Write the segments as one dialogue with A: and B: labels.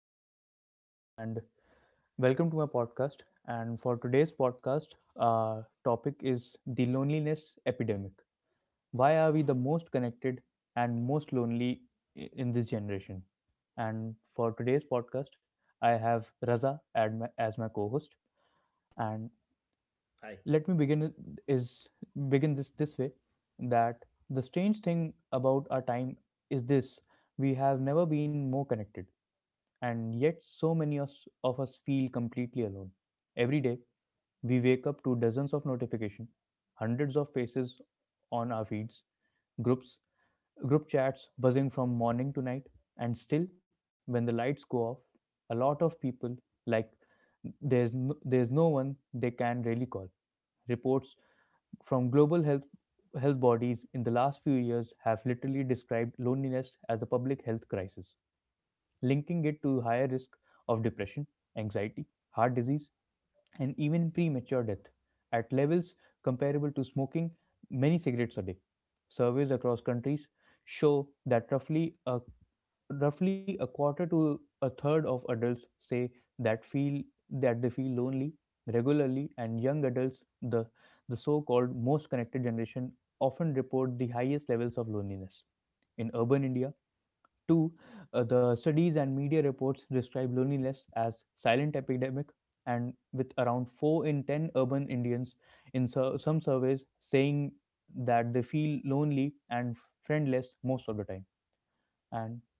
A: This is Siddhant, and welcome to my podcast. And for today's podcast, our topic is the loneliness epidemic. Why are we the most connected and most lonely in this generation? And for today's podcast, I have Raza as my co-host. And
B: I,
A: let me begin it- is begin this way that the strange thing about our time is this: we have never been more connected and yet, so many of us feel completely alone. Every day, we wake up to dozens of notifications, hundreds of faces on our feeds, groups, group chats buzzing from morning to night, and still, when the lights go off, a lot of people like there's no one they can really call. Reports from global health bodies in the last few years have literally described loneliness as a public health crisis, linking it to higher risk of depression, anxiety, heart disease, and even premature death at levels comparable to smoking many cigarettes a day. Surveys across countries show that roughly a quarter to a third of adults say that feel that they feel lonely regularly, and young adults, the so-called most connected generation, often report the highest levels of loneliness in urban india. Two, the studies and media reports describe loneliness as silent epidemic, and with around 4 in 10 urban Indians in some surveys saying that they feel lonely and friendless most of the time. And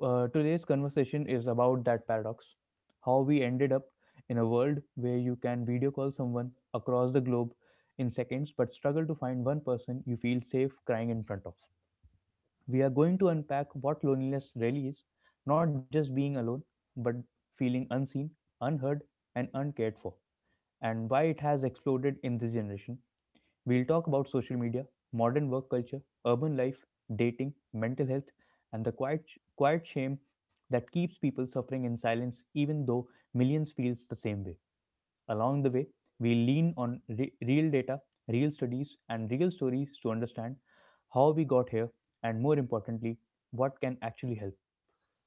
A: today's conversation is about that paradox, how we ended up in a world where you can video call someone across the globe in seconds but struggle to find one person you feel safe crying in front of. We are going to unpack what loneliness really is, not just being alone, but feeling unseen, unheard, and uncared for, and why it has exploded in this generation. We'll talk about social media, modern work culture, urban life, dating, mental health, and the quiet shame that keeps people suffering in silence, even though millions feels the same way. Along the way, we lean on real data, real studies, and real stories to understand how we got here and, more importantly, what can actually help.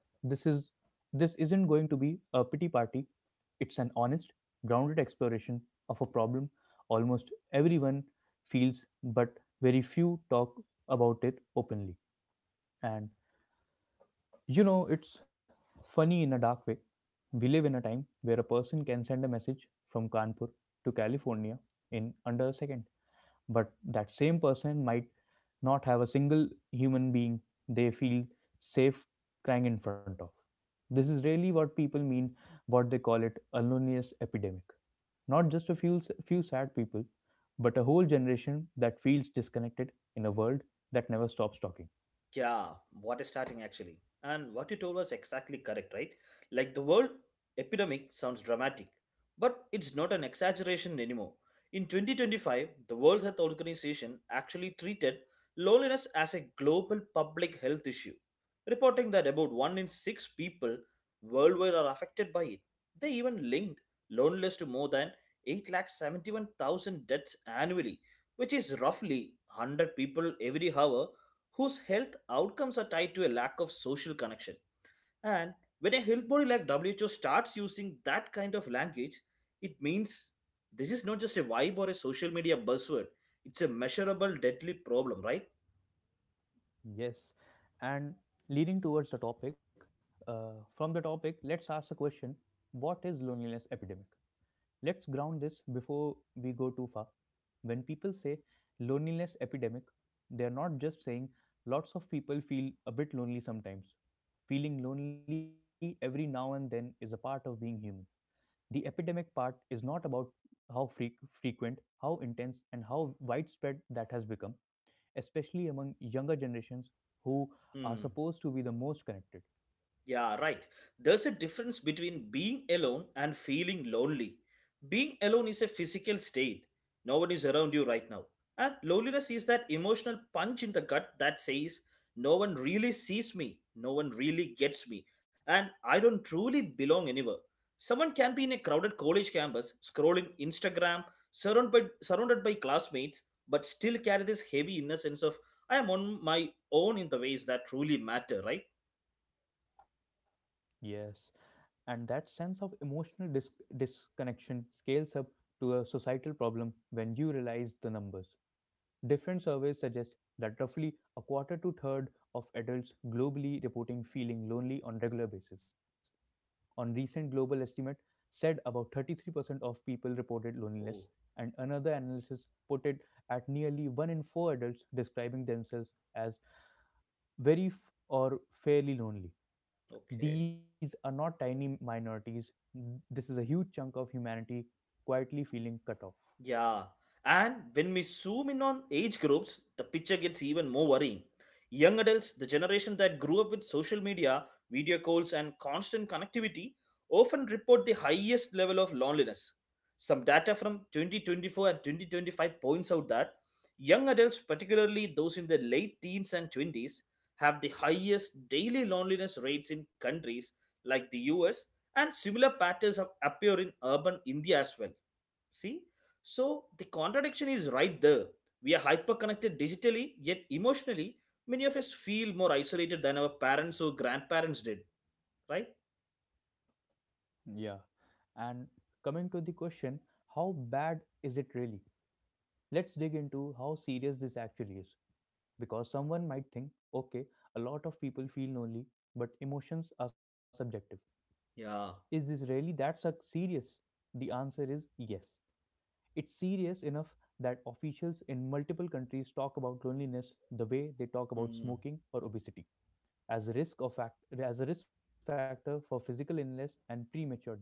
A: This is this isn't going to be a pity party. It's an honest, grounded exploration of a problem almost everyone feels but very few talk about it openly. And it's funny in a dark way. We live in a time where a person can send a message from Kanpur to California in under a second. But that same person might not have a single human being they feel safe crying in front of. This is really what people mean, what they call it a loneliness epidemic. Not just a few sad people, but a whole generation that feels disconnected in a world that never stops talking.
B: yeah, what is starting actually? And what you told was exactly correct, right? Like the world epidemic sounds dramatic, but it's not an exaggeration anymore. In 2025, the World Health Organization actually treated loneliness as a global public health issue, reporting that about 1 in 6 people worldwide are affected by it. They even linked loneliness to more than 871,000 deaths annually, which is roughly 100 people every hour whose health outcomes are tied to a lack of social connection. And when a health body like WHO starts using that kind of language, it means this is not just a vibe or a social media buzzword, it's a measurable, deadly problem, right?
A: Yes. And leading towards the topic, from the topic, let's ask a question. What is loneliness epidemic? Let's ground this before we go too far. When people say loneliness epidemic, they're not just saying lots of people feel a bit lonely sometimes. Feeling lonely every now and then is a part of being human. The epidemic part is not about how frequent, how intense, and how widespread that has become, especially among younger generations who are
B: Hmm.
A: supposed to be the most connected.
B: Yeah, right. There's a difference between being alone and feeling lonely. Being alone is a physical state, no one is around you right now. And loneliness is that emotional punch in the gut that says, no one really sees me, no one really gets me, and I don't truly belong anywhere. Someone can be in a crowded college campus, scrolling Instagram, surrounded by classmates, but still carry this heavy inner sense of, I am on my own in the ways that truly matter, right?
A: Yes, and that sense of emotional disconnection scales up to a societal problem when you realize the numbers. Different surveys suggest that roughly a quarter to third of adults globally reporting feeling lonely on regular basis. On recent global estimate said about 33% of people reported loneliness,
B: Oh.
A: and another analysis put it at nearly 1 in 4 adults describing themselves as very or fairly lonely.
B: Okay.
A: These are not tiny minorities, this is a huge chunk of humanity quietly feeling cut off.
B: Yeah, and when we zoom in on age groups, the picture gets even more worrying. Young adults, the generation that grew up with social media, video calls, and constant connectivity, often report the highest level of loneliness. Some data from 2024 and 2025 points out that young adults, particularly those in their late teens and 20s, have the highest daily loneliness rates in countries like the US, and similar patterns have appear in urban India as well. See? So the contradiction is right there. We are hyperconnected digitally, yet emotionally, many of us feel more isolated than our parents or grandparents did, right?
A: Yeah. And coming to the question, how bad is it really? Let's dig into how serious this actually is. Because someone might think, okay, a lot of people feel lonely, but emotions are subjective.
B: Yeah.
A: Is this really that serious? The answer is yes. It's serious enough that officials in multiple countries talk about loneliness the way they talk about
B: Hmm.
A: smoking or obesity, as a risk of fact as a risk factor for physical illness and premature death.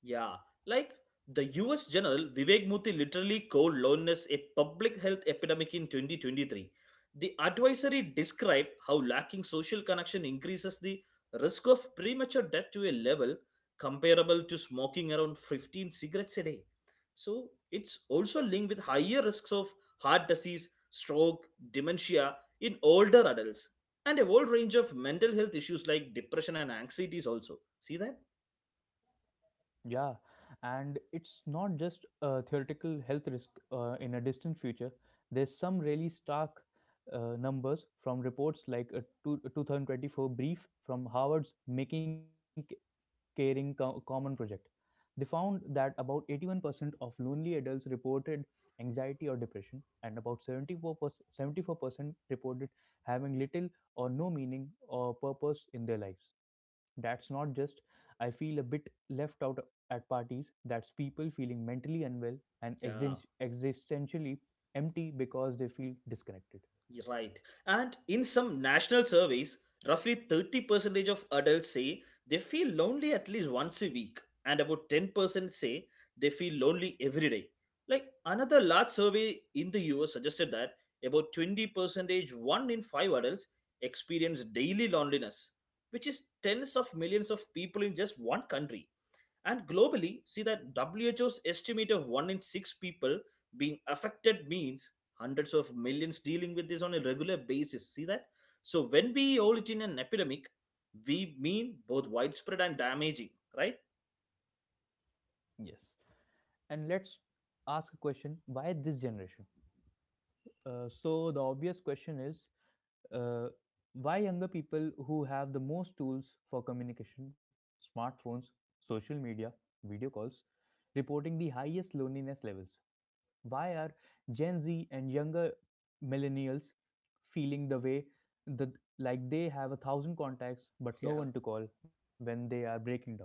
B: Yeah, like the US General Vivek Murthy literally called loneliness a public health epidemic in 2023. The advisory described how lacking social connection increases the risk of premature death to a level comparable to smoking around 15 cigarettes a day. So it's also linked with higher risks of heart disease, stroke, dementia in older adults, and a whole range of mental health issues like depression and anxieties also. See that?
A: Yeah, and it's not just a theoretical health risk in a distant future. There's some really stark numbers from reports like a 2024 brief from Harvard's Making Caring Common project. They found that about 81% of lonely adults reported anxiety or depression, and about 74% reported having little or no meaning or purpose in their lives. That's not just I feel a bit left out at parties, that's people feeling mentally unwell and
B: Yeah.
A: existentially empty because they feel disconnected.
B: Right. And in some national surveys, roughly 30% of adults say they feel lonely at least once a week, and about 10% say they feel lonely every day. Like another large survey in the US suggested that about 20%, one in five adults, experience daily loneliness, which is tens of millions of people in just one country. And globally, see that WHO's estimate of 1 in 6 people being affected means hundreds of millions dealing with this on a regular basis. See that? So when we hold it in an epidemic, we mean both widespread and damaging, right?
A: Yes. And let's ask a question, why this generation? So, the obvious question is, uh, why younger people who have the most tools for communication, smartphones, social media, video calls, reporting the highest loneliness levels? Why are Gen Z and younger millennials feeling the way that like they have a thousand contacts but
B: Yeah.
A: no one to call when they are breaking down?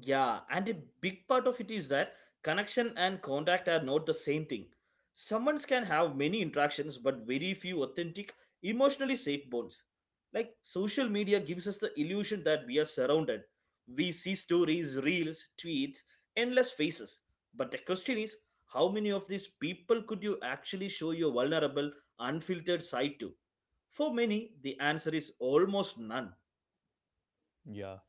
B: Yeah, and a big part of it is that connection and contact are not the same thing. Someone can have many interactions but very few authentic, emotionally safe bonds. Like social media gives us the illusion that we are surrounded. We see stories, reels, tweets, endless faces. But the question is, how many of these people could you actually show your vulnerable, unfiltered side to? For many, the answer is almost none.
A: Yeah.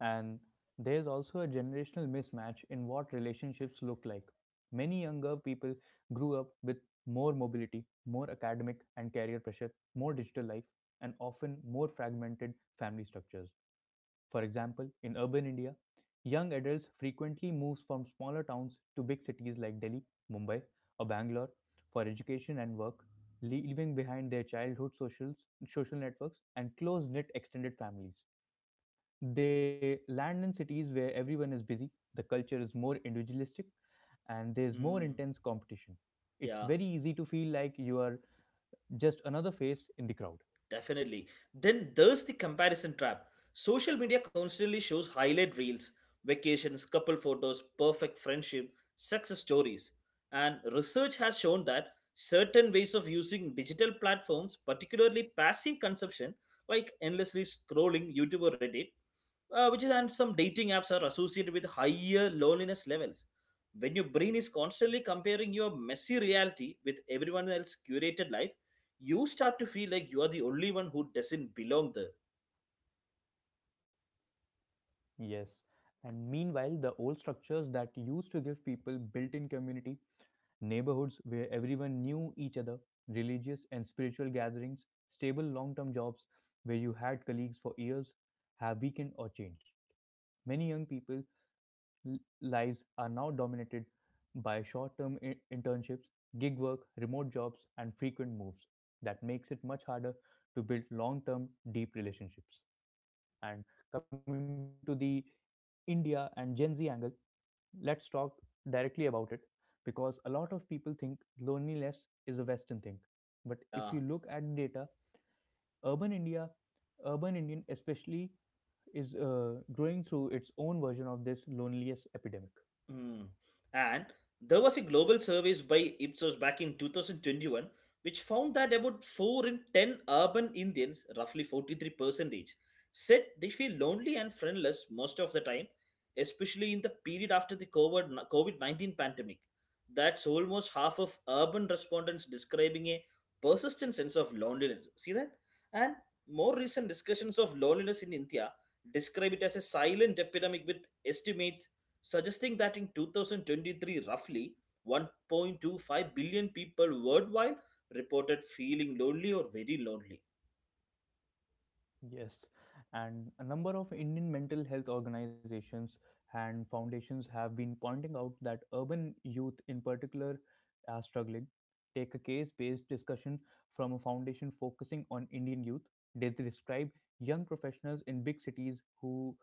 A: And there's also a generational mismatch in what relationships look like. Many younger people grew up with more mobility, more academic and career pressure, more digital life, and often more fragmented family structures. For example, in urban India, young adults frequently move from smaller towns to big cities like Delhi, Mumbai, or Bangalore for education and work, leaving behind their childhood social networks and close-knit extended families. They land in cities where everyone is busy, the culture is more individualistic, and there's more
B: Hmm.
A: intense competition. It's
B: Yeah.
A: very easy to feel like you are just another face in the crowd.
B: Definitely. Then there's the comparison trap. Social media constantly shows highlight reels, vacations, couple photos, perfect friendship, success stories. And research has shown that certain ways of using digital platforms, particularly passive consumption, like endlessly scrolling YouTube or Reddit, which is and some dating apps are associated with higher loneliness levels. When your brain is constantly comparing your messy reality with everyone else's curated life, you start to feel like you are the only one who doesn't belong there.
A: Yes. And meanwhile, the old structures that used to give people built in community, neighborhoods where everyone knew each other, religious and spiritual gatherings, stable long term jobs where you had colleagues for years, have weakened or changed. Many young people l- lives are now dominated by short term internships, gig work, remote jobs, and frequent moves. That makes it much harder to build long term, deep relationships. And coming to the India and Gen Z angle, let's talk directly about it, because a lot of people think loneliness is a western thing, but
B: Yeah.
A: if you look at data, urban india urban indian especially is growing through its own version of this loneliness epidemic.
B: Mm. And there was a global survey by Ipsos back in 2021 which found that about 4 in 10 urban Indians, roughly 43%, said they feel lonely and friendless most of the time, especially in the period after the COVID 19 pandemic. That's almost half of urban respondents describing a persistent sense of loneliness. See that? And more recent discussions of loneliness in India describe it as a silent epidemic with estimates suggesting that in 2023, roughly 1.25 billion people worldwide reported feeling lonely or very lonely.
A: Yes, and a number of Indian mental health organizations and foundations have been pointing out that urban youth in particular are struggling. Take a case based discussion from a foundation focusing on Indian youth. They describe young professionals in big cities who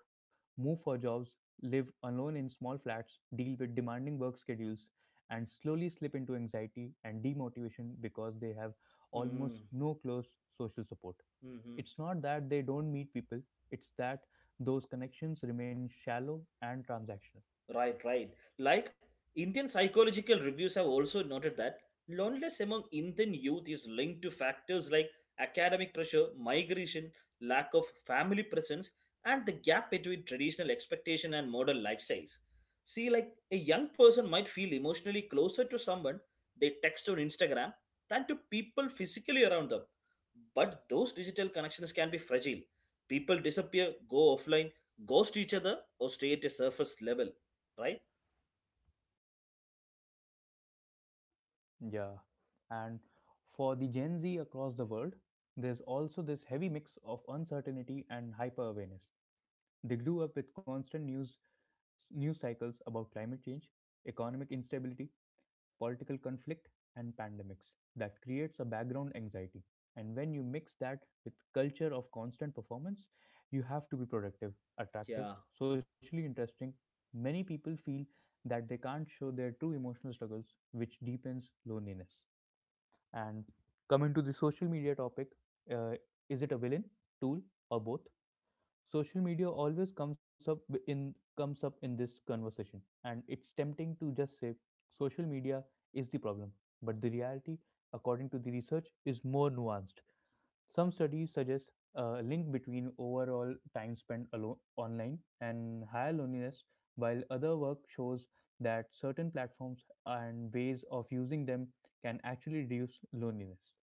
A: move for jobs, live alone in small flats, deal with demanding work schedules, and slowly slip into anxiety and demotivation because they have
B: Mm-hmm.
A: almost no close social support. It's not that they don't meet people, it's that those connections remain shallow and transactional.
B: Right, right. Like Indian psychological reviews have also noted that loneliness among Indian youth is linked to factors like academic pressure, migration, lack of family presence, and the gap between traditional expectation and modern lifestyles. See, like a young person might feel emotionally closer to someone they text on Instagram than to people physically around them. But those digital connections can be fragile. People disappear, go offline, ghost each other, or stay at a surface level, right?
A: Yeah. And for the Gen Z across the world, there's also this heavy mix of uncertainty and hyper awareness. They grew up with constant news cycles about climate change, economic instability, political conflict, and pandemics. That creates a background anxiety. And when you mix that with culture of constant performance, you have to be productive,
B: Yeah,
A: attractive, socially interesting. Many people feel that they can't show their true emotional struggles, which deepens loneliness. And coming to the social media topic, uh, is it a villain, tool, or both? Social media always comes up in this conversation, and it's tempting to just say social media is the problem, but the reality according to the research is more nuanced. Some studies suggest a link between overall time spent alone online and higher loneliness, while other work shows that certain platforms and ways of using them can actually reduce loneliness.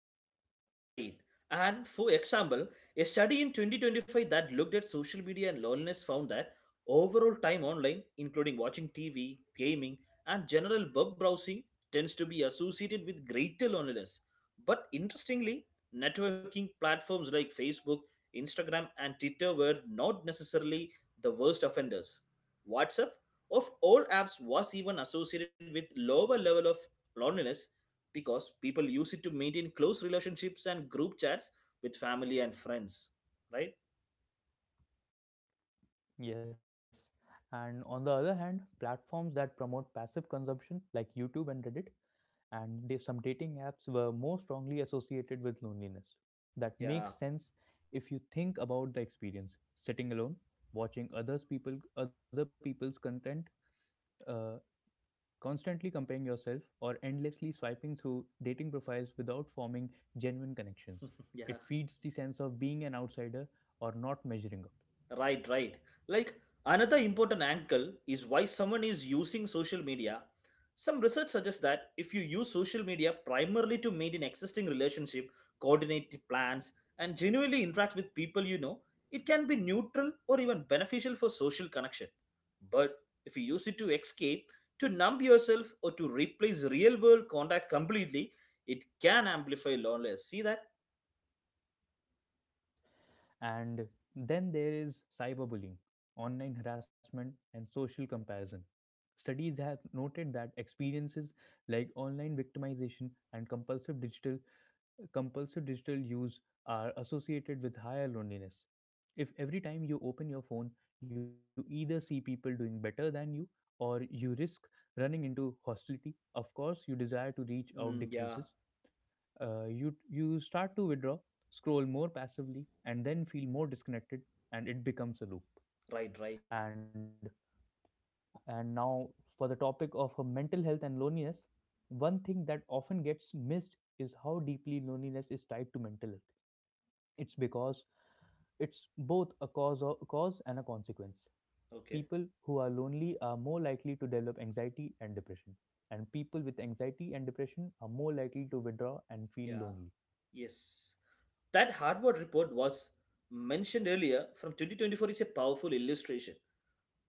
B: right. And for example, a study in 2025 that looked at social media and loneliness found that overall time online, including watching TV, gaming, and general web browsing, tends to be associated with greater loneliness. But interestingly, networking platforms like Facebook, Instagram, and Twitter were not necessarily the worst offenders. WhatsApp, of all apps, was even associated with lower level of loneliness because people use it to maintain close relationships and group chats with family and friends, right?
A: Yes. And on the other hand, platforms that promote passive consumption, like YouTube and Reddit, and some dating apps were more strongly associated with loneliness. That
B: Yeah.
A: makes sense if you think about the experience. Sitting alone, watching other people's content, uh, constantly comparing yourself, or endlessly swiping through dating profiles without forming genuine connections.
B: Yeah.
A: It feeds the sense of being an outsider or not measuring up.
B: Right, right. Like another important angle is why someone is using social media. Some research suggests that if you use social media primarily to maintain existing relationship, coordinate the plans, and genuinely interact with people you know, it can be neutral or even beneficial for social connection. But if you use it to escape, to numb yourself, or to replace real world contact completely, it can amplify loneliness. See that?
A: Yes. And then there is cyberbullying, online harassment, and social comparison. Studies have noted that experiences like online victimization and compulsive digital use are associated with higher loneliness. If every time you open your phone, you either see people doing better than you or you risk running into hostility, of course, your desire to reach out
B: Mm, yeah,
A: decreases. You start to withdraw, scroll more passively, and then feel more disconnected, and it becomes a loop.
B: right, right.
A: And and now, for the topic of mental health and loneliness, one thing that often gets missed is how deeply loneliness is tied to mental health. It's because it's both a cause and a consequence. People
B: Okay,
A: who are lonely are more likely to develop anxiety and depression, and people with anxiety and depression are more likely to withdraw and feel
B: yeah,
A: lonely.
B: yes. That Harvard report was mentioned earlier from 2024 is a powerful illustration.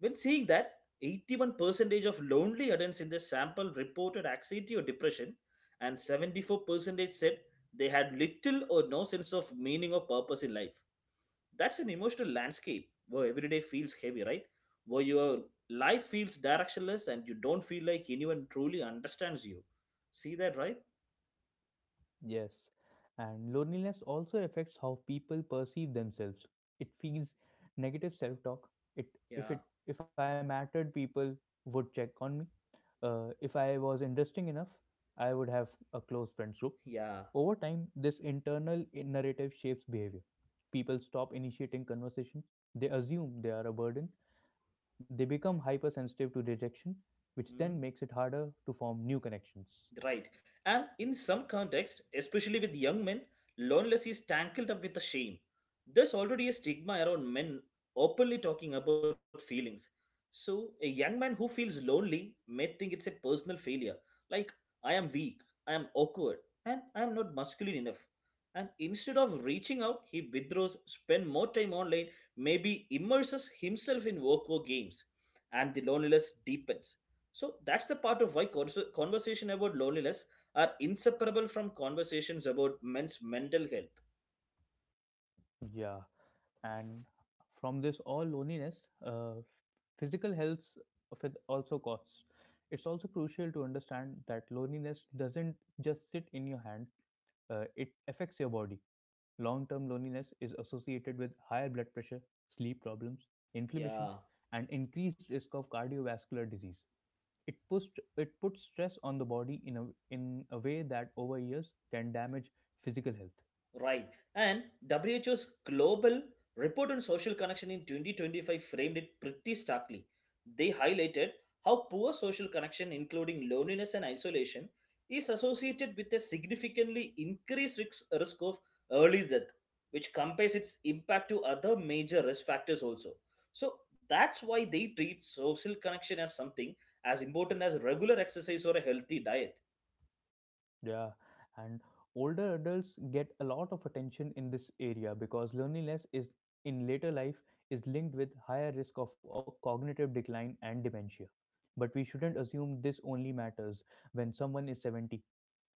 B: When seeing that 81% of lonely adults in the sample reported anxiety or depression, and 74% said they had little or no sense of meaning or purpose in life. That's an emotional landscape where every day feels heavy, right? Where your life feels directionless and you don't feel like anyone truly understands you. See that, right?
A: Yes, and loneliness also affects how people perceive themselves. It feeds negative self-talk.
B: Yeah,
A: It if I mattered, people would check on me. If I was interesting enough, I would have a close friends group.
B: yeah.
A: Over time, this internal narrative shapes behavior. People stop initiating conversations. They assume they are a burden. They become hypersensitive to rejection, which then
B: Hmm?
A: makes it harder to form new connections.
B: Right. And in some contexts, especially with young men, loneliness is tangled up with the shame. There's already a stigma around men openly talking about feelings. So, a young man who feels lonely may think it's a personal failure. Like, I am weak, I am awkward, and I am not masculine enough. And instead of reaching out, he withdraws, spend more time online, maybe immerses himself in work or games. And the loneliness deepens, so that's the part of why conversation about loneliness are inseparable from conversations about men's mental health.
A: Yeah, and from this all loneliness, physical health also costs. It's also crucial to understand that loneliness doesn't just sit in your hand; it affects your body. Long-term loneliness is associated with higher blood pressure, sleep problems,
B: Yeah.
A: inflammation, and increased risk of cardiovascular disease. It puts stress on the body in a way that over years can damage physical health.
B: Right. And WHO's global report on social connection in 2025 framed it pretty starkly. They highlighted how poor social connection, including loneliness and isolation, is associated with a significantly increased risk of early death, which compares its impact to other major risk factors also. So that's why they treat social connection as something as important as regular exercise or a healthy diet.
A: Yeah, and older adults get a lot of attention in this area because loneliness is in later life is linked with higher risk of cognitive decline and dementia. But we shouldn't assume this only matters when someone is 70.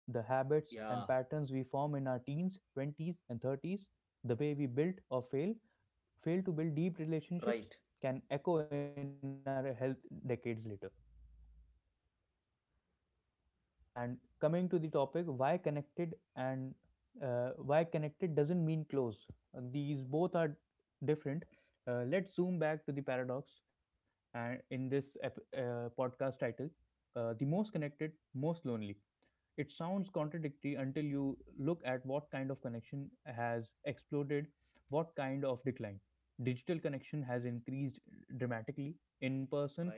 A: The habits and
B: Yeah,
A: patterns we form in our teens, 20s, and 30s, the way we fail to build deep relationships,
B: right,
A: can echo in our health decades later. And coming to the topic, why connected, and why connected doesn't mean close. These both are different. Let's zoom back to the paradox. And in this podcast title, the most connected, most lonely. It sounds contradictory until you look at what kind of connection has exploded, what kind of decline. Digital connection has increased dramatically. In person
B: right.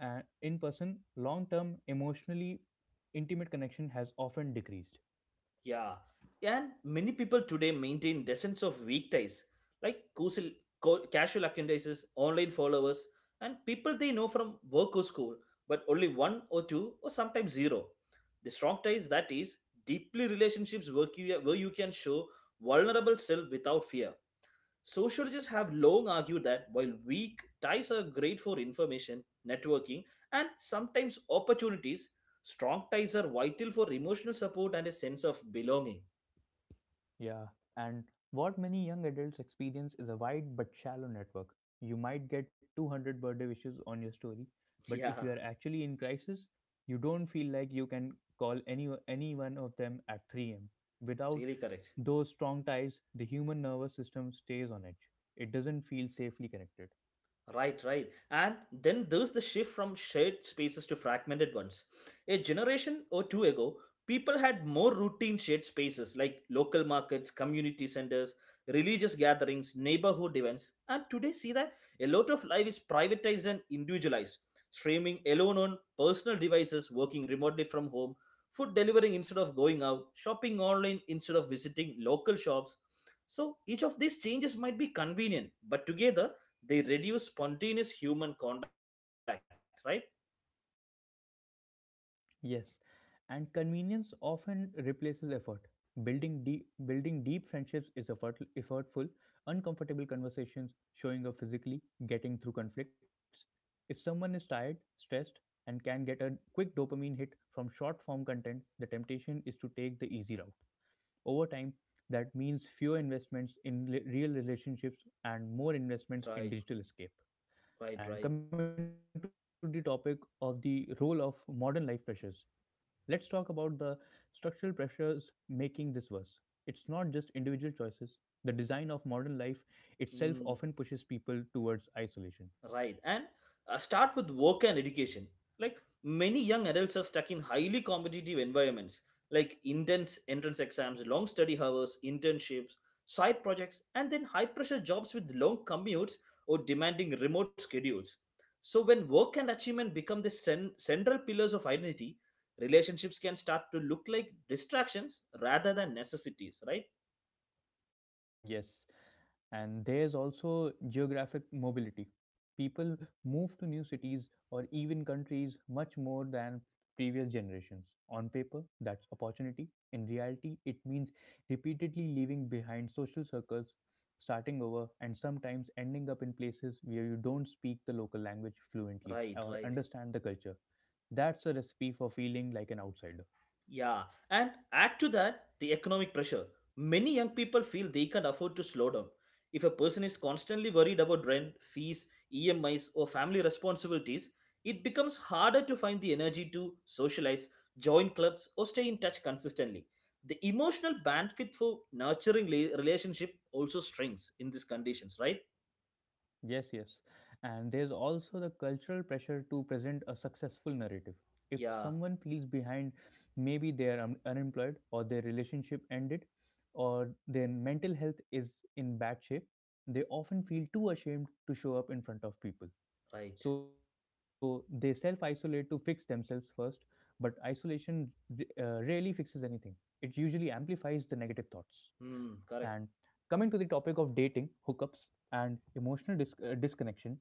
A: and in person, long term emotionally intimate connection has often decreased.
B: Yeah, and many people today maintain dozens of weak ties, like casual acquaintances, online followers, and people they know from work or school, but only one or two or sometimes zero. The strong ties, that is deeply relationships work you, where you can show vulnerable self without fear. Sociologists have long argued that while weak ties are great for information, networking, and sometimes opportunities, strong ties are vital for emotional support and a sense of belonging.
A: Yeah. And what many young adults experience is a wide but shallow network. You might get 200 birthday wishes on your story, but if
B: Yeah,
A: you are actually in crisis, you don't feel like you can call any one of them at 3 a.m. Without
B: really correct.
A: those strong ties, the human nervous system stays on edge. It doesn't feel safely connected.
B: Right, right. And then there's the shift from shared spaces to fragmented ones. A generation or two ago, people had more routine shared spaces like local markets, community centers, religious gatherings, neighborhood events. And today, see that a lot of life is privatized and individualized. Streaming alone on personal devices, working remotely from home, food delivery instead of going out, shopping online instead of visiting local shops. So each of these changes might be convenient, but together, they reduce spontaneous human contact, right?
A: Yes, and convenience often replaces effort. Building deep friendships is effort, effortful, uncomfortable conversations, showing up physically, getting through conflicts. If someone is tired, stressed, and can get a quick dopamine hit from short form content, the temptation is to take the easy route. Over time, that means fewer investments in real relationships and more investments
B: Right,
A: in digital escape.
B: right, right.
A: And coming to the topic of the role of modern life pressures, let's talk about the structural pressures making this worse. It's not just individual choices. The design of modern life itself often
B: Mm,
A: pushes people towards isolation.
B: right. And start with work and education. Like many young adults are stuck in highly competitive environments, like intense entrance exams, long study hours, internships, side projects, and then high pressure jobs with long commutes or demanding remote schedules. So, when work and achievement become the central pillars of identity, relationships can start to look like distractions rather than necessities, right?
A: Yes, and there's also geographic mobility. People move to new cities or even countries much more than previous generations. On paper, that's opportunity. In reality, it means repeatedly leaving behind social circles, starting over, and sometimes ending up in places where you don't speak the local language fluently
B: Right,
A: or
B: right.
A: understand the culture. That's a recipe for feeling like an outsider.
B: Yeah. And add to that the economic pressure. Many young people feel they can't afford to slow down. If a person is constantly worried about rent, fees, EMIs, or family responsibilities, it becomes harder to find the energy to socialize, join clubs, or stay in touch consistently. The emotional bandwidth for nurturing relationship also shrinks in these conditions, right?
A: Yes, yes. And there's also the cultural pressure to present a successful narrative. If
B: Yeah,
A: someone feels behind, maybe they are unemployed, or their relationship ended, or their mental health is in bad shape, they often feel too ashamed to show up in front of people.
B: right.
A: So they self isolate to fix themselves first, but isolation rarely fixes anything. It usually amplifies the negative thoughts.
B: Hmm,
A: And
B: correct.
A: coming to the topic of dating, hookups, and emotional disconnection,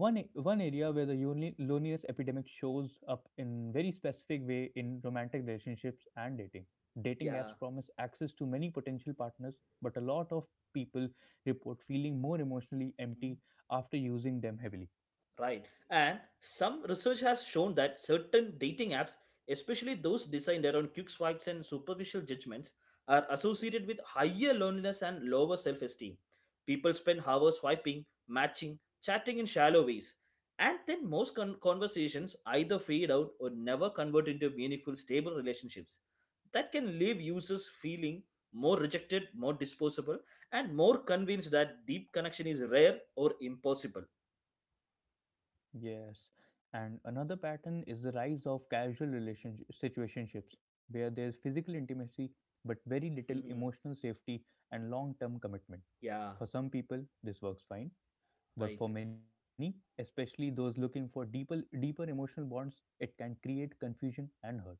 A: one area where the loneliness epidemic shows up in very specific way in romantic relationships and dating. Dating
B: Yeah.
A: apps promise access to many potential partners, but a lot of people report feeling more emotionally
B: Hmm.
A: empty after using them heavily.
B: Right. And some research has shown that certain dating apps, especially those designed around quick swipes and superficial judgments, are associated with higher loneliness and lower self esteem. People spend hours swiping, matching, chatting in shallow ways. And then most conversations either fade out or never convert into meaningful, stable relationships. That can leave users feeling more rejected, more disposable, and more convinced that deep connection is rare or impossible.
A: Yes, and another pattern is the rise of casual relationship situationships, where there's physical intimacy but very little emotional safety and long term commitment.
B: Yeah,
A: For some people this works fine. But
B: right.
A: for many, especially those looking for deeper emotional bonds, it can create confusion and hurt.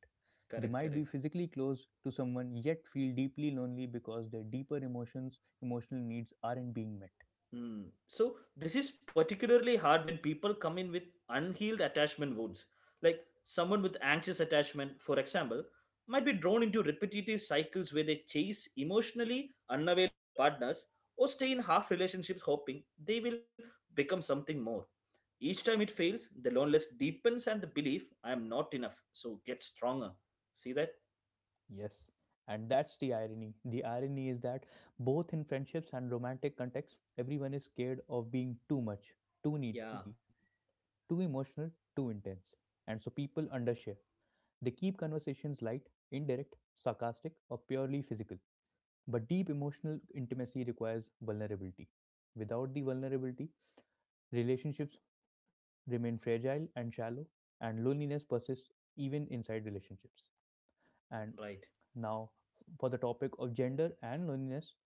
A: They might
B: Correct,
A: be
B: correct.
A: physically close to someone yet feel deeply lonely because their emotional needs aren't being met.
B: Hmm. So this is particularly hard when people come in with unhealed attachment wounds. Like someone with anxious attachment, for example, might be drawn into repetitive cycles where they chase emotionally unavailable partners or stay in half relationships hoping they will become something more. Each time it fails, the loneliness deepens and the belief I am not enough. So get stronger. See that?
A: Yes, and that's the irony. The irony is that both in friendships and romantic contexts, everyone is scared of being too much, too
B: Yeah,
A: needy, too emotional, too intense. And so people undershare. They keep conversations light, indirect, sarcastic, or purely physical. But deep emotional intimacy requires vulnerability. Without the vulnerability, relationships remain fragile and shallow, and loneliness persists even inside relationships.
B: right,
A: And
B: right.
A: now, for the topic of gender and loneliness,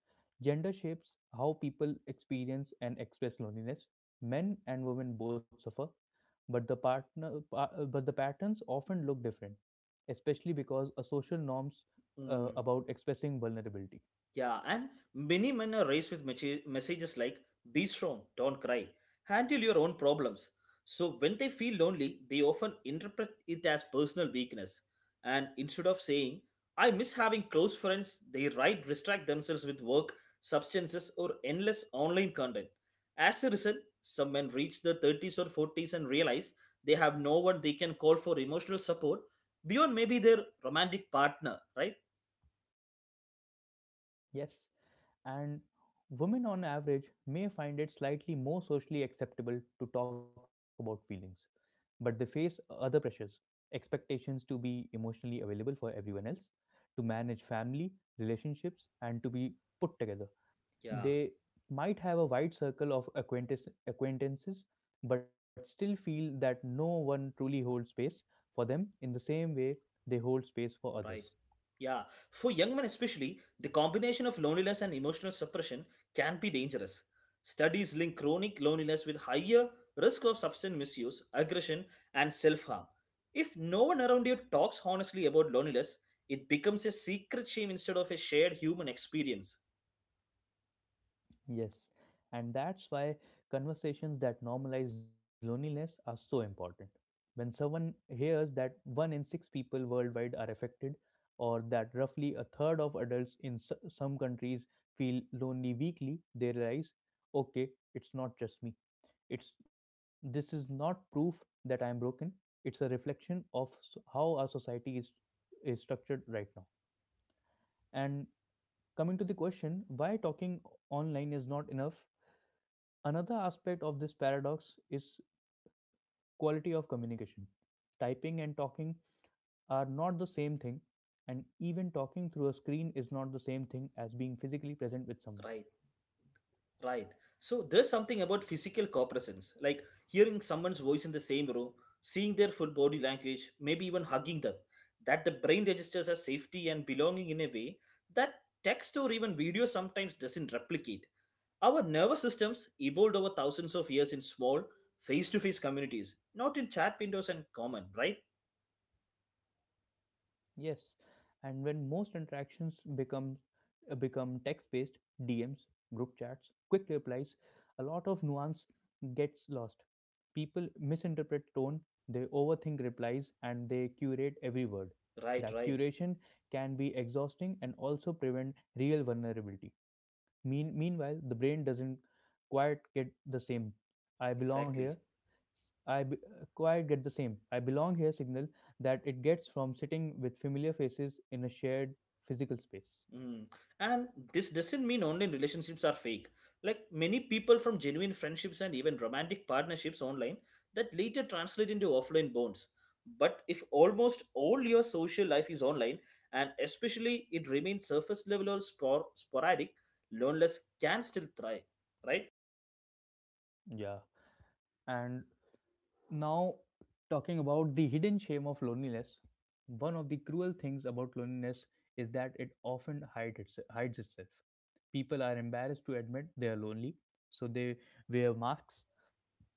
A: gender shapes how people experience and express loneliness. Men and women both suffer, but the patterns often look different, especially because of social norms
B: Hmm.
A: about expressing vulnerability.
B: Yeah, and many men are raised with messages like, be strong, don't cry, handle your own problems. So when they feel lonely, they often interpret it as personal weakness. And instead of saying, I miss having close friends, they write distract themselves with work, substances, or endless online content. As a result, some men reach their 30s or 40s and realize they have no one they can call for emotional support beyond maybe their romantic partner, right?
A: Yes, and women on average may find it slightly more socially acceptable to talk about feelings, but they face other pressures, expectations to be emotionally available for everyone else, to manage family relationships, and to be put together.
B: Yeah,
A: They might have a wide circle of acquaintances, but still feel that no one truly holds space for them in the same way they hold space for
B: right.
A: others.
B: Yeah, for young men especially, the combination of loneliness and emotional suppression can be dangerous. Studies link chronic loneliness with higher risk of substance misuse, aggression, and self harm. If no one around you talks honestly about loneliness, it becomes a secret shame instead of a shared human experience.
A: Yes, and that's why conversations that normalize loneliness are so important. When someone hears that one in six people worldwide are affected, or that roughly a third of adults in some countries feel lonely weekly, they realize, okay, it's not just me. It's this is not proof that I am broken. It's a reflection of how our society is structured right now. And coming to the question, why talking online is not enough. Another aspect of this paradox is quality of communication. Typing and talking are not the same thing, and even talking through a screen is not the same thing as being physically present with someone.
B: Right. Right. So there's something about physical co-presence, like hearing someone's voice in the same room, seeing their full body language, maybe even hugging them, that the brain registers as safety and belonging in a way that text or even video sometimes doesn't replicate. Our nervous systems evolved over thousands of years in small, face-to-face communities, not in chat windows and comment, right?
A: Yes, and when most interactions become text-based, DMs, group chats, quick replies, a lot of nuance gets lost. People misinterpret tone, they overthink replies, and they curate every word.
B: Right,
A: That
B: right.
A: curation can be exhausting and also prevent real vulnerability. Meanwhile, the brain doesn't quite get the same. I belong here.
B: Exactly.
A: S- I be, quite get the same. I belong here signal that it gets from sitting with familiar faces in a shared physical space.
B: Mm. And this doesn't mean online relationships are fake. Like many people from genuine friendships and even romantic partnerships online that later translate into offline bonds. But if almost all your social life is online and especially it remains surface level or sporadic, loneliness can still thrive, right?
A: Yeah. And now, talking about the hidden shame of loneliness, one of the cruel things about loneliness is that it often hides itself. People are embarrassed to admit they are lonely, so they wear masks.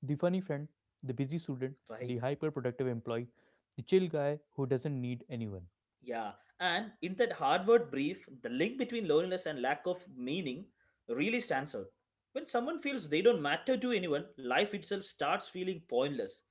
A: The funny friend, the busy student,
B: Right.
A: the hyperproductive employee, the chill guy who doesn't need anyone.
B: Yeah, and in that Harvard brief, the link between loneliness and lack of meaning really stands out. When someone feels they don't matter to anyone, life itself starts feeling pointless.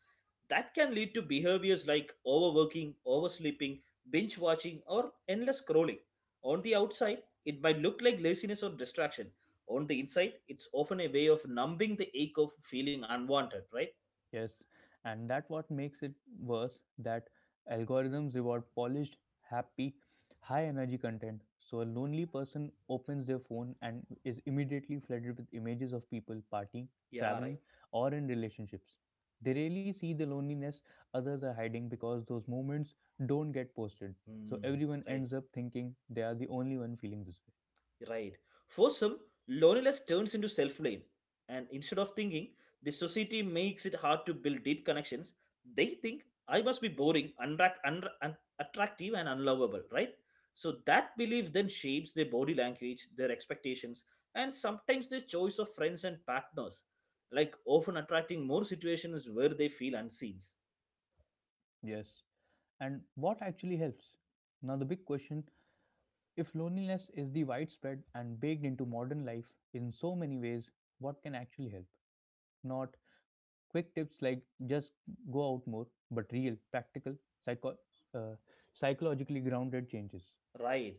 B: That can lead to behaviors like overworking, oversleeping, binge watching, or endless scrolling. On the outside, it might look like laziness or distraction. On the inside, it's often a way of numbing the ache of feeling unwanted, right?
A: Yes, and that what makes it worse that algorithms reward polished, happy, high energy content. So a lonely person opens their phone and is immediately flooded with images of people partying,
B: Yeah, right.
A: traveling, or in relationships. They rarely see the loneliness others are hiding because those moments don't get posted. So
B: Hmm,
A: everyone
B: right.
A: ends up thinking they are the only one feeling this way.
B: Right. For some, loneliness turns into self blame. And instead of thinking the society makes it hard to build deep connections, they think I must be boring, unattractive, and unlovable, right? So that belief then shapes their body language, their expectations, and sometimes their choice of friends and partners, like often attracting more situations where they feel unseen.
A: Yes. And what actually helps? Now the big question: if loneliness is the widespread and baked into modern life in so many ways, what can actually help? Not quick tips like just go out more, but real, practical, psycho- uh, psychologically grounded changes.
B: Right.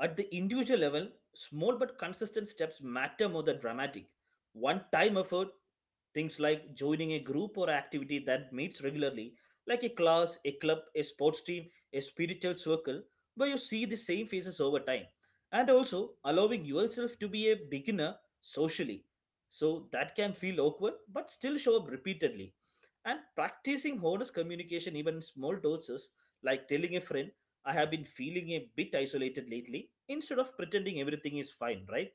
B: At the individual level, small but consistent steps matter more than dramatic. One time effort, things like joining a group or activity that meets regularly, like a class, a club, a sports team, a spiritual circle, where you see the same faces over time. And also allowing yourself to be a beginner socially. So that can feel awkward but still show up repeatedly. And practicing honest communication, even in small doses, like telling a friend, I have been feeling a bit isolated lately instead of pretending everything is fine, right?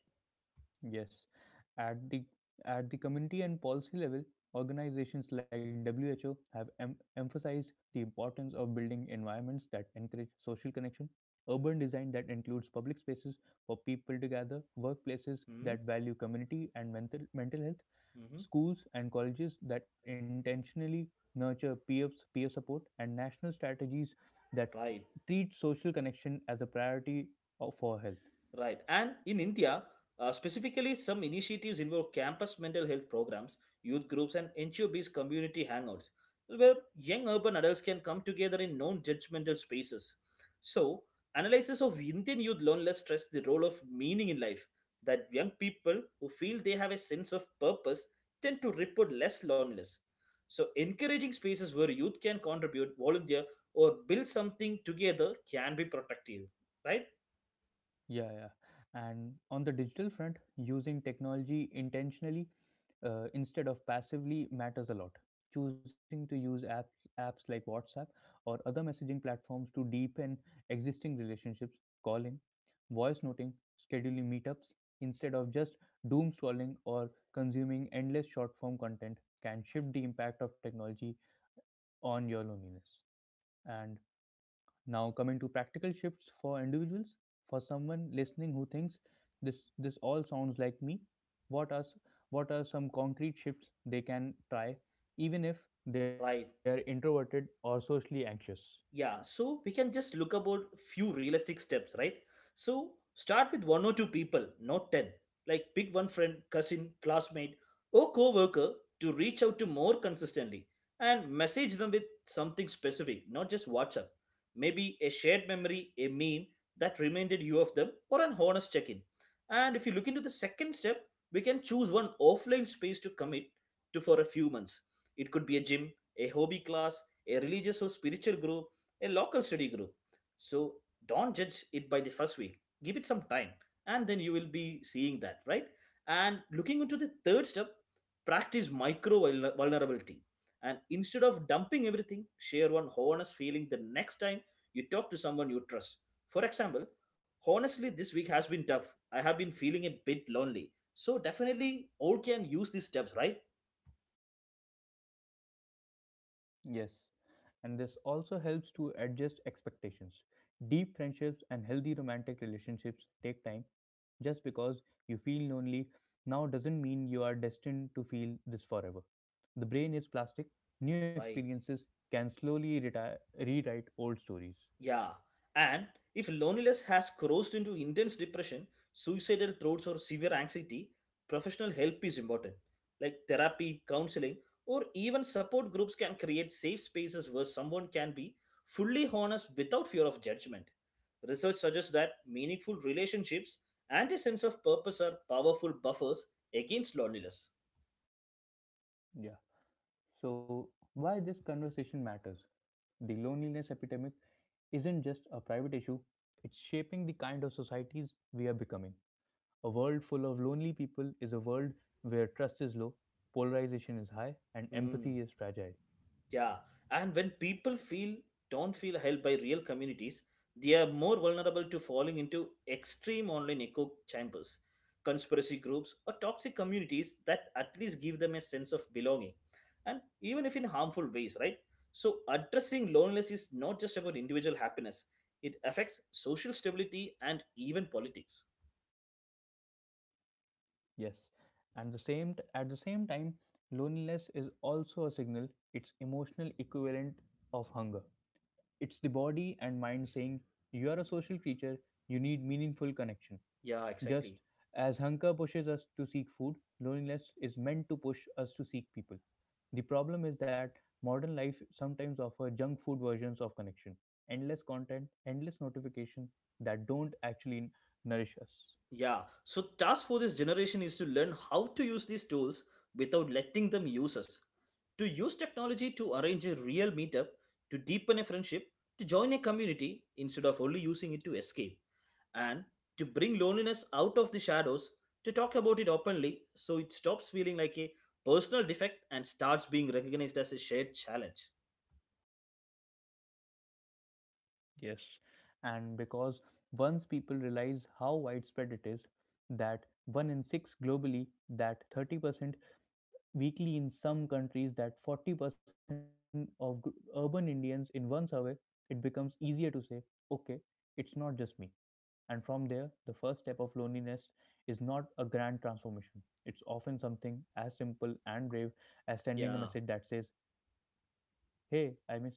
A: Yes, at the community and policy level, organizations like WHO have emphasized the importance of building environments that encourage social connection, urban design that includes public spaces for people to gather, workplaces
B: Mm-hmm.
A: that value community and mental health, schools and colleges that intentionally nurture peer support, and national strategies that
B: Right.
A: treat social connection as a priority for health.
B: Right. And in India, specifically, some initiatives involve campus mental health programs, youth groups, and NGO based community hangouts, where young urban adults can come together in non judgmental spaces. So, analysis of Indian youth loneliness stress the role of meaning in life, that young people who feel they have a sense of purpose tend to report less loneliness. So, encouraging spaces where youth can contribute, volunteer, or build something together can be productive. Right?
A: Yeah, yeah. And on the digital front, using technology intentionally instead of passively matters a lot. Choosing to use apps like WhatsApp or other messaging platforms to deepen existing relationships, calling, voice noting, scheduling meetups, instead of just doom scrolling or consuming endless short form content, can shift the impact of technology on your loneliness. And now, coming to practical shifts for individuals, for someone listening who thinks this all sounds like me, what what are some concrete shifts they can try, even if they are
B: Right.
A: introverted or socially anxious?
B: Yeah, so we can just look about few realistic steps, right? So start with one or two people, not 10. Like pick one friend, cousin, classmate, or co-worker to reach out to more consistently and message them with something specific, not just WhatsApp. Maybe a shared memory, a meme that reminded you of them, or an honest check-in. And if you look into the second step, we can choose one offline space to commit to for a few months. It could be a gym, a hobby class, a religious or spiritual group, a local study group. So don't judge it by the first week. Give it some time, and then you will be seeing that, right? And looking into the third step, practice micro vulnerability. And instead of dumping everything, share one honest feeling the next time you talk to someone you trust. For example, honestly, this week has been tough. I have been feeling a bit lonely. So definitely, all can use these steps, right?
A: Yes, and this also helps to adjust expectations. Deep friendships and healthy romantic relationships take time. Just because you feel lonely now doesn't mean you are destined to feel this forever. The brain is plastic, new
B: Right.
A: experiences can slowly rewrite old stories.
B: Yeah, and if loneliness has crossed into intense depression, suicidal thoughts, or severe anxiety, professional help is important. Like therapy, counseling, or even support groups can create safe spaces where someone can be fully honest without fear of judgment. Research suggests that meaningful relationships and a sense of purpose are powerful buffers against loneliness.
A: Yeah. So, why this conversation matters? The loneliness epidemic isn't just a private issue, it's shaping the kind of societies we are becoming. A world full of lonely people is a world where trust is low, polarization is high, and
B: Hmm.
A: empathy is fragile.
B: Yeah, and when people feel don't feel helped by real communities, they are more vulnerable to falling into extreme online echo chambers, conspiracy groups, or toxic communities that at least give them a sense of belonging, and even if in harmful ways, right? So, addressing loneliness is not just about individual happiness, it affects social stability and even politics.
A: Yes, and at the same time, loneliness is also a signal. It's emotional equivalent of hunger. It's the body and mind saying you are a social creature. You need meaningful connection.
B: Yeah, exactly.
A: Just as hunger pushes us to seek food, loneliness is meant to push us to seek people. The problem is that modern life sometimes offers junk food versions of connection, endless content, endless notification that don't actually nourish us.
B: Yeah, so task for this generation is to learn how to use these tools without letting them use us. To use technology to arrange a real meetup, to deepen a friendship, to join a community instead of only using it to escape, and to bring loneliness out of the shadows, to talk about it openly so it stops feeling like a personal defect and starts being recognized as a shared challenge.
A: Yes, and because once people realize how widespread it is, that one in six globally, that 30% weekly in some countries, that 40% of urban Indians in one survey, it becomes easier to say, okay, it's not just me. And from there, the first step of loneliness is not a grand transformation. It's often something as simple and brave as sending a
B: Yeah.
A: message that says, "Hey, I miss you. Can we talk?"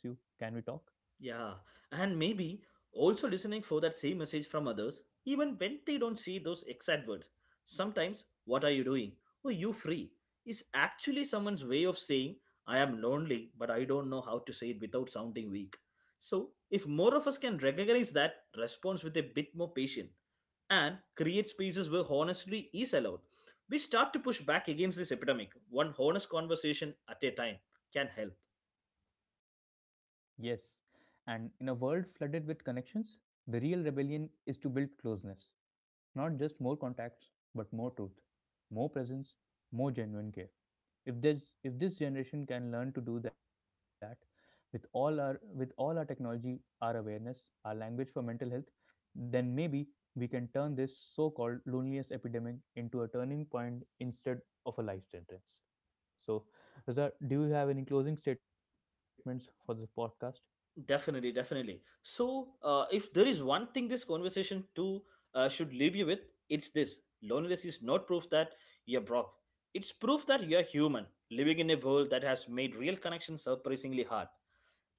B: Yeah, and maybe also listening for that same message from others, even when they don't see those exact words. Sometimes, what are you doing? Oh, you free is actually someone's way of saying, I am lonely, but I don't know how to say it without sounding weak. So, if more of us can recognize that response with a bit more patience and create spaces where honesty is allowed, we start to push back against this epidemic, one honest conversation at a time can help.
A: Yes. And in a world flooded with connections, the real rebellion is to build closeness. Not just more contacts, but more truth, more presence, more genuine care. If this generation can learn to do that with all our technology, our awareness, our language for mental health, then maybe we can turn this so-called loneliness epidemic into a turning point instead of a life sentence. So, Raza, do you have any closing statements for this podcast?
B: Definitely, definitely. So, if there is one thing this conversation too should leave you with, it's this: loneliness is not proof that you're broke. It's proof that you're human, living in a world that has made real connections surprisingly hard.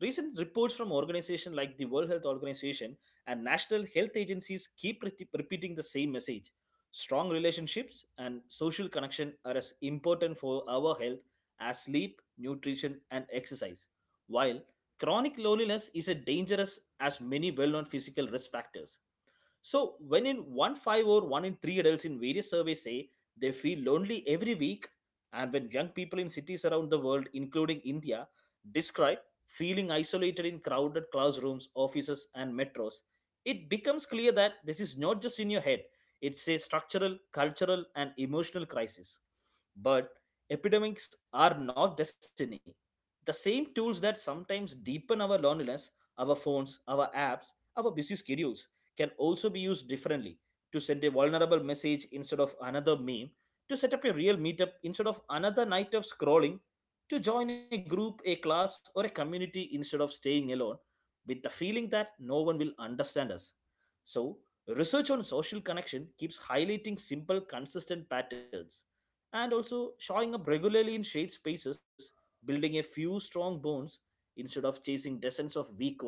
B: Recent reports from organizations like the World Health Organization and national health agencies keep repeating the same message. Strong relationships and social connection are as important for our health as sleep, nutrition, and exercise. While chronic loneliness is as dangerous as many well known physical risk factors, so, when in one five or one in three adults in various surveys say they feel lonely every week, and when young people in cities around the world, including India, describe feeling isolated in crowded classrooms, offices, and metros, it becomes clear that this is not just in your head, it's a structural, cultural, and emotional crisis. But epidemics are not destiny. The same tools that sometimes deepen our loneliness, our phones, our apps, our busy schedules, can also be used differently to send a vulnerable message instead of another meme, to set up a real meetup instead of another night of scrolling, to join a group, a class, or a community instead of staying alone with the feeling that no one will understand us. So, research on social connection keeps highlighting simple, consistent patterns and also showing up regularly in shared spaces, building a few strong bonds instead of chasing dozens of weak ones.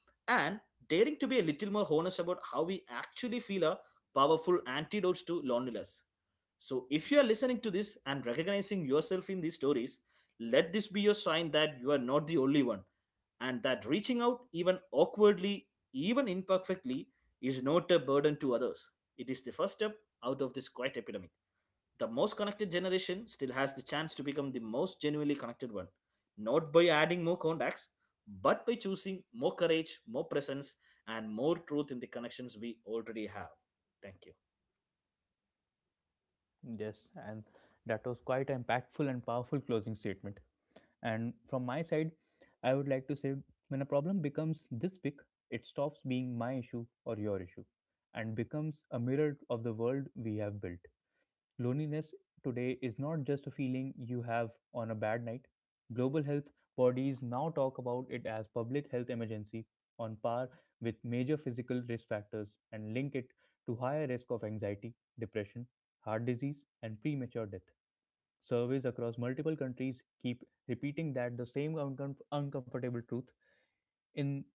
B: And daring to be a little more honest about how we actually feel are powerful antidotes to loneliness. So, if you are listening to this and recognizing yourself in these stories, let this be your sign that you are not the only one and that reaching out, even awkwardly, even imperfectly, is not a burden to others. It is the first step out of this quiet epidemic. The most connected generation still has the chance to become the most genuinely connected one, not by adding more contacts, but by choosing more courage, more presence, and more truth in the connections we already have. Thank you.
A: Yes, and that was quite an impactful and powerful closing statement. And from my side, I would like to say when a problem becomes this big, it stops being my issue or your issue and becomes a mirror of the world we have built. Loneliness today is not just a feeling you have on a bad night. Global health bodies now talk about it as public health emergency on par with major physical risk factors and link it to higher risk of anxiety, depression, heart disease and premature death. Surveys across multiple countries keep repeating that the same uncomfortable truth. In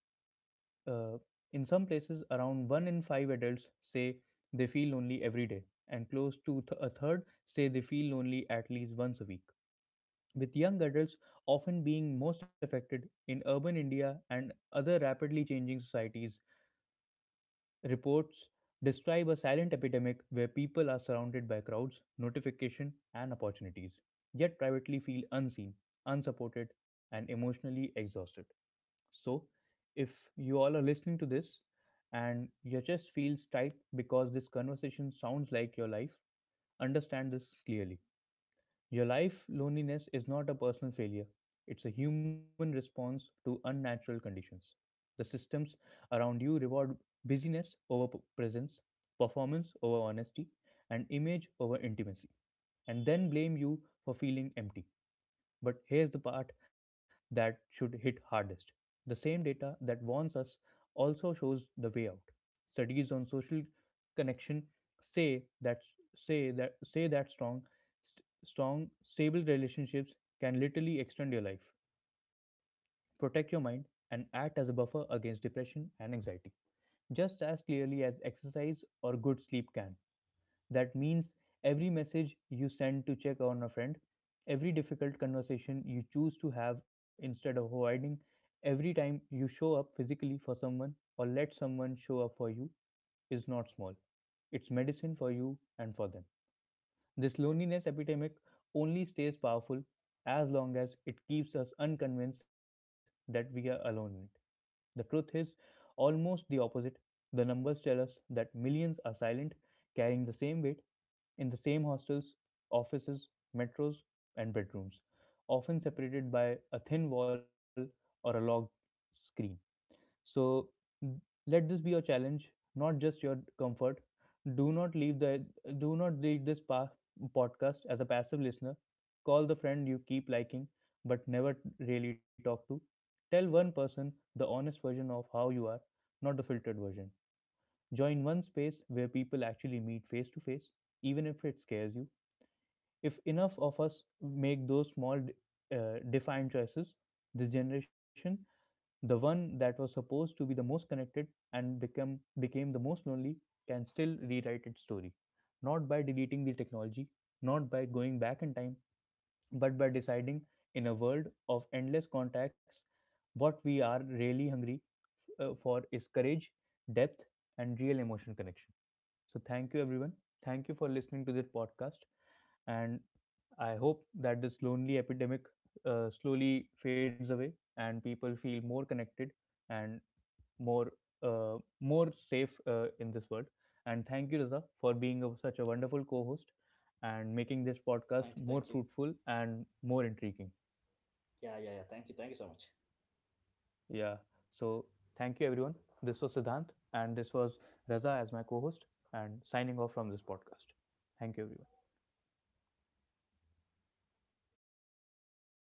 A: uh, in some places, around one in five adults say they feel lonely every day, and close to a third say they feel lonely at least once a week. With young adults often being most affected in urban India and other rapidly changing societies, reports describe a silent epidemic where people are surrounded by crowds, notification, and opportunities, yet privately feel unseen, unsupported, and emotionally exhausted. So, if you all are listening to this and your chest feels tight because this conversation sounds like your life, understand this clearly. Your life loneliness is not a personal failure, it's a human response to unnatural conditions. The systems around you reward busyness over presence, performance over honesty, and image over intimacy, and then blame you for feeling empty. But here's the part that should hit hardest. The same data that warns us also shows the way out. Studies on social connection say that say that strong st- strong stable relationships can literally extend your life, protect your mind and act as a buffer against depression and anxiety just as clearly as exercise or good sleep can. That means every message you send to check on a friend, every difficult conversation you choose to have instead of avoiding, every time you show up physically for someone or let someone show up for you is not small. It's medicine for you and for them. This loneliness epidemic only stays powerful as long as it keeps us unconvinced that we are alone in it. The truth is almost the opposite. The numbers tell us that millions are silent, carrying the same weight in the same hostels, offices, metros, and bedrooms, often separated by a thin wall or a locked screen. So let this be your challenge, not just your comfort. Do not leave the do not leave this pa- podcast as a passive listener. Call the friend you keep liking but never really talk to. Tell one person the honest version of how you are, not the filtered version. Join one space where people actually meet face to face, even if it scares you. If enough of us make those small, defined choices, this generation, the one that was supposed to be the most connected and become became the most lonely, can still rewrite its story. Not by deleting the technology, not by going back in time, but by deciding in a world of endless contacts what we are really hungry for is courage, depth, and real emotional connection. So, thank you, everyone. Thank you for listening to this podcast. And I hope that this lonely epidemic slowly fades away and people feel more connected and more more safe in this world. And thank you, Raza, for being a, such a wonderful co-host and making this podcast
B: Thank you,
A: more
B: thank you.
A: fruitful and more intriguing.
B: Yeah, yeah, yeah. Thank you so much.
A: Yeah. So thank you, everyone. This was Siddhant, and this was Raza as my co-host, and signing off from this podcast. Thank you, everyone.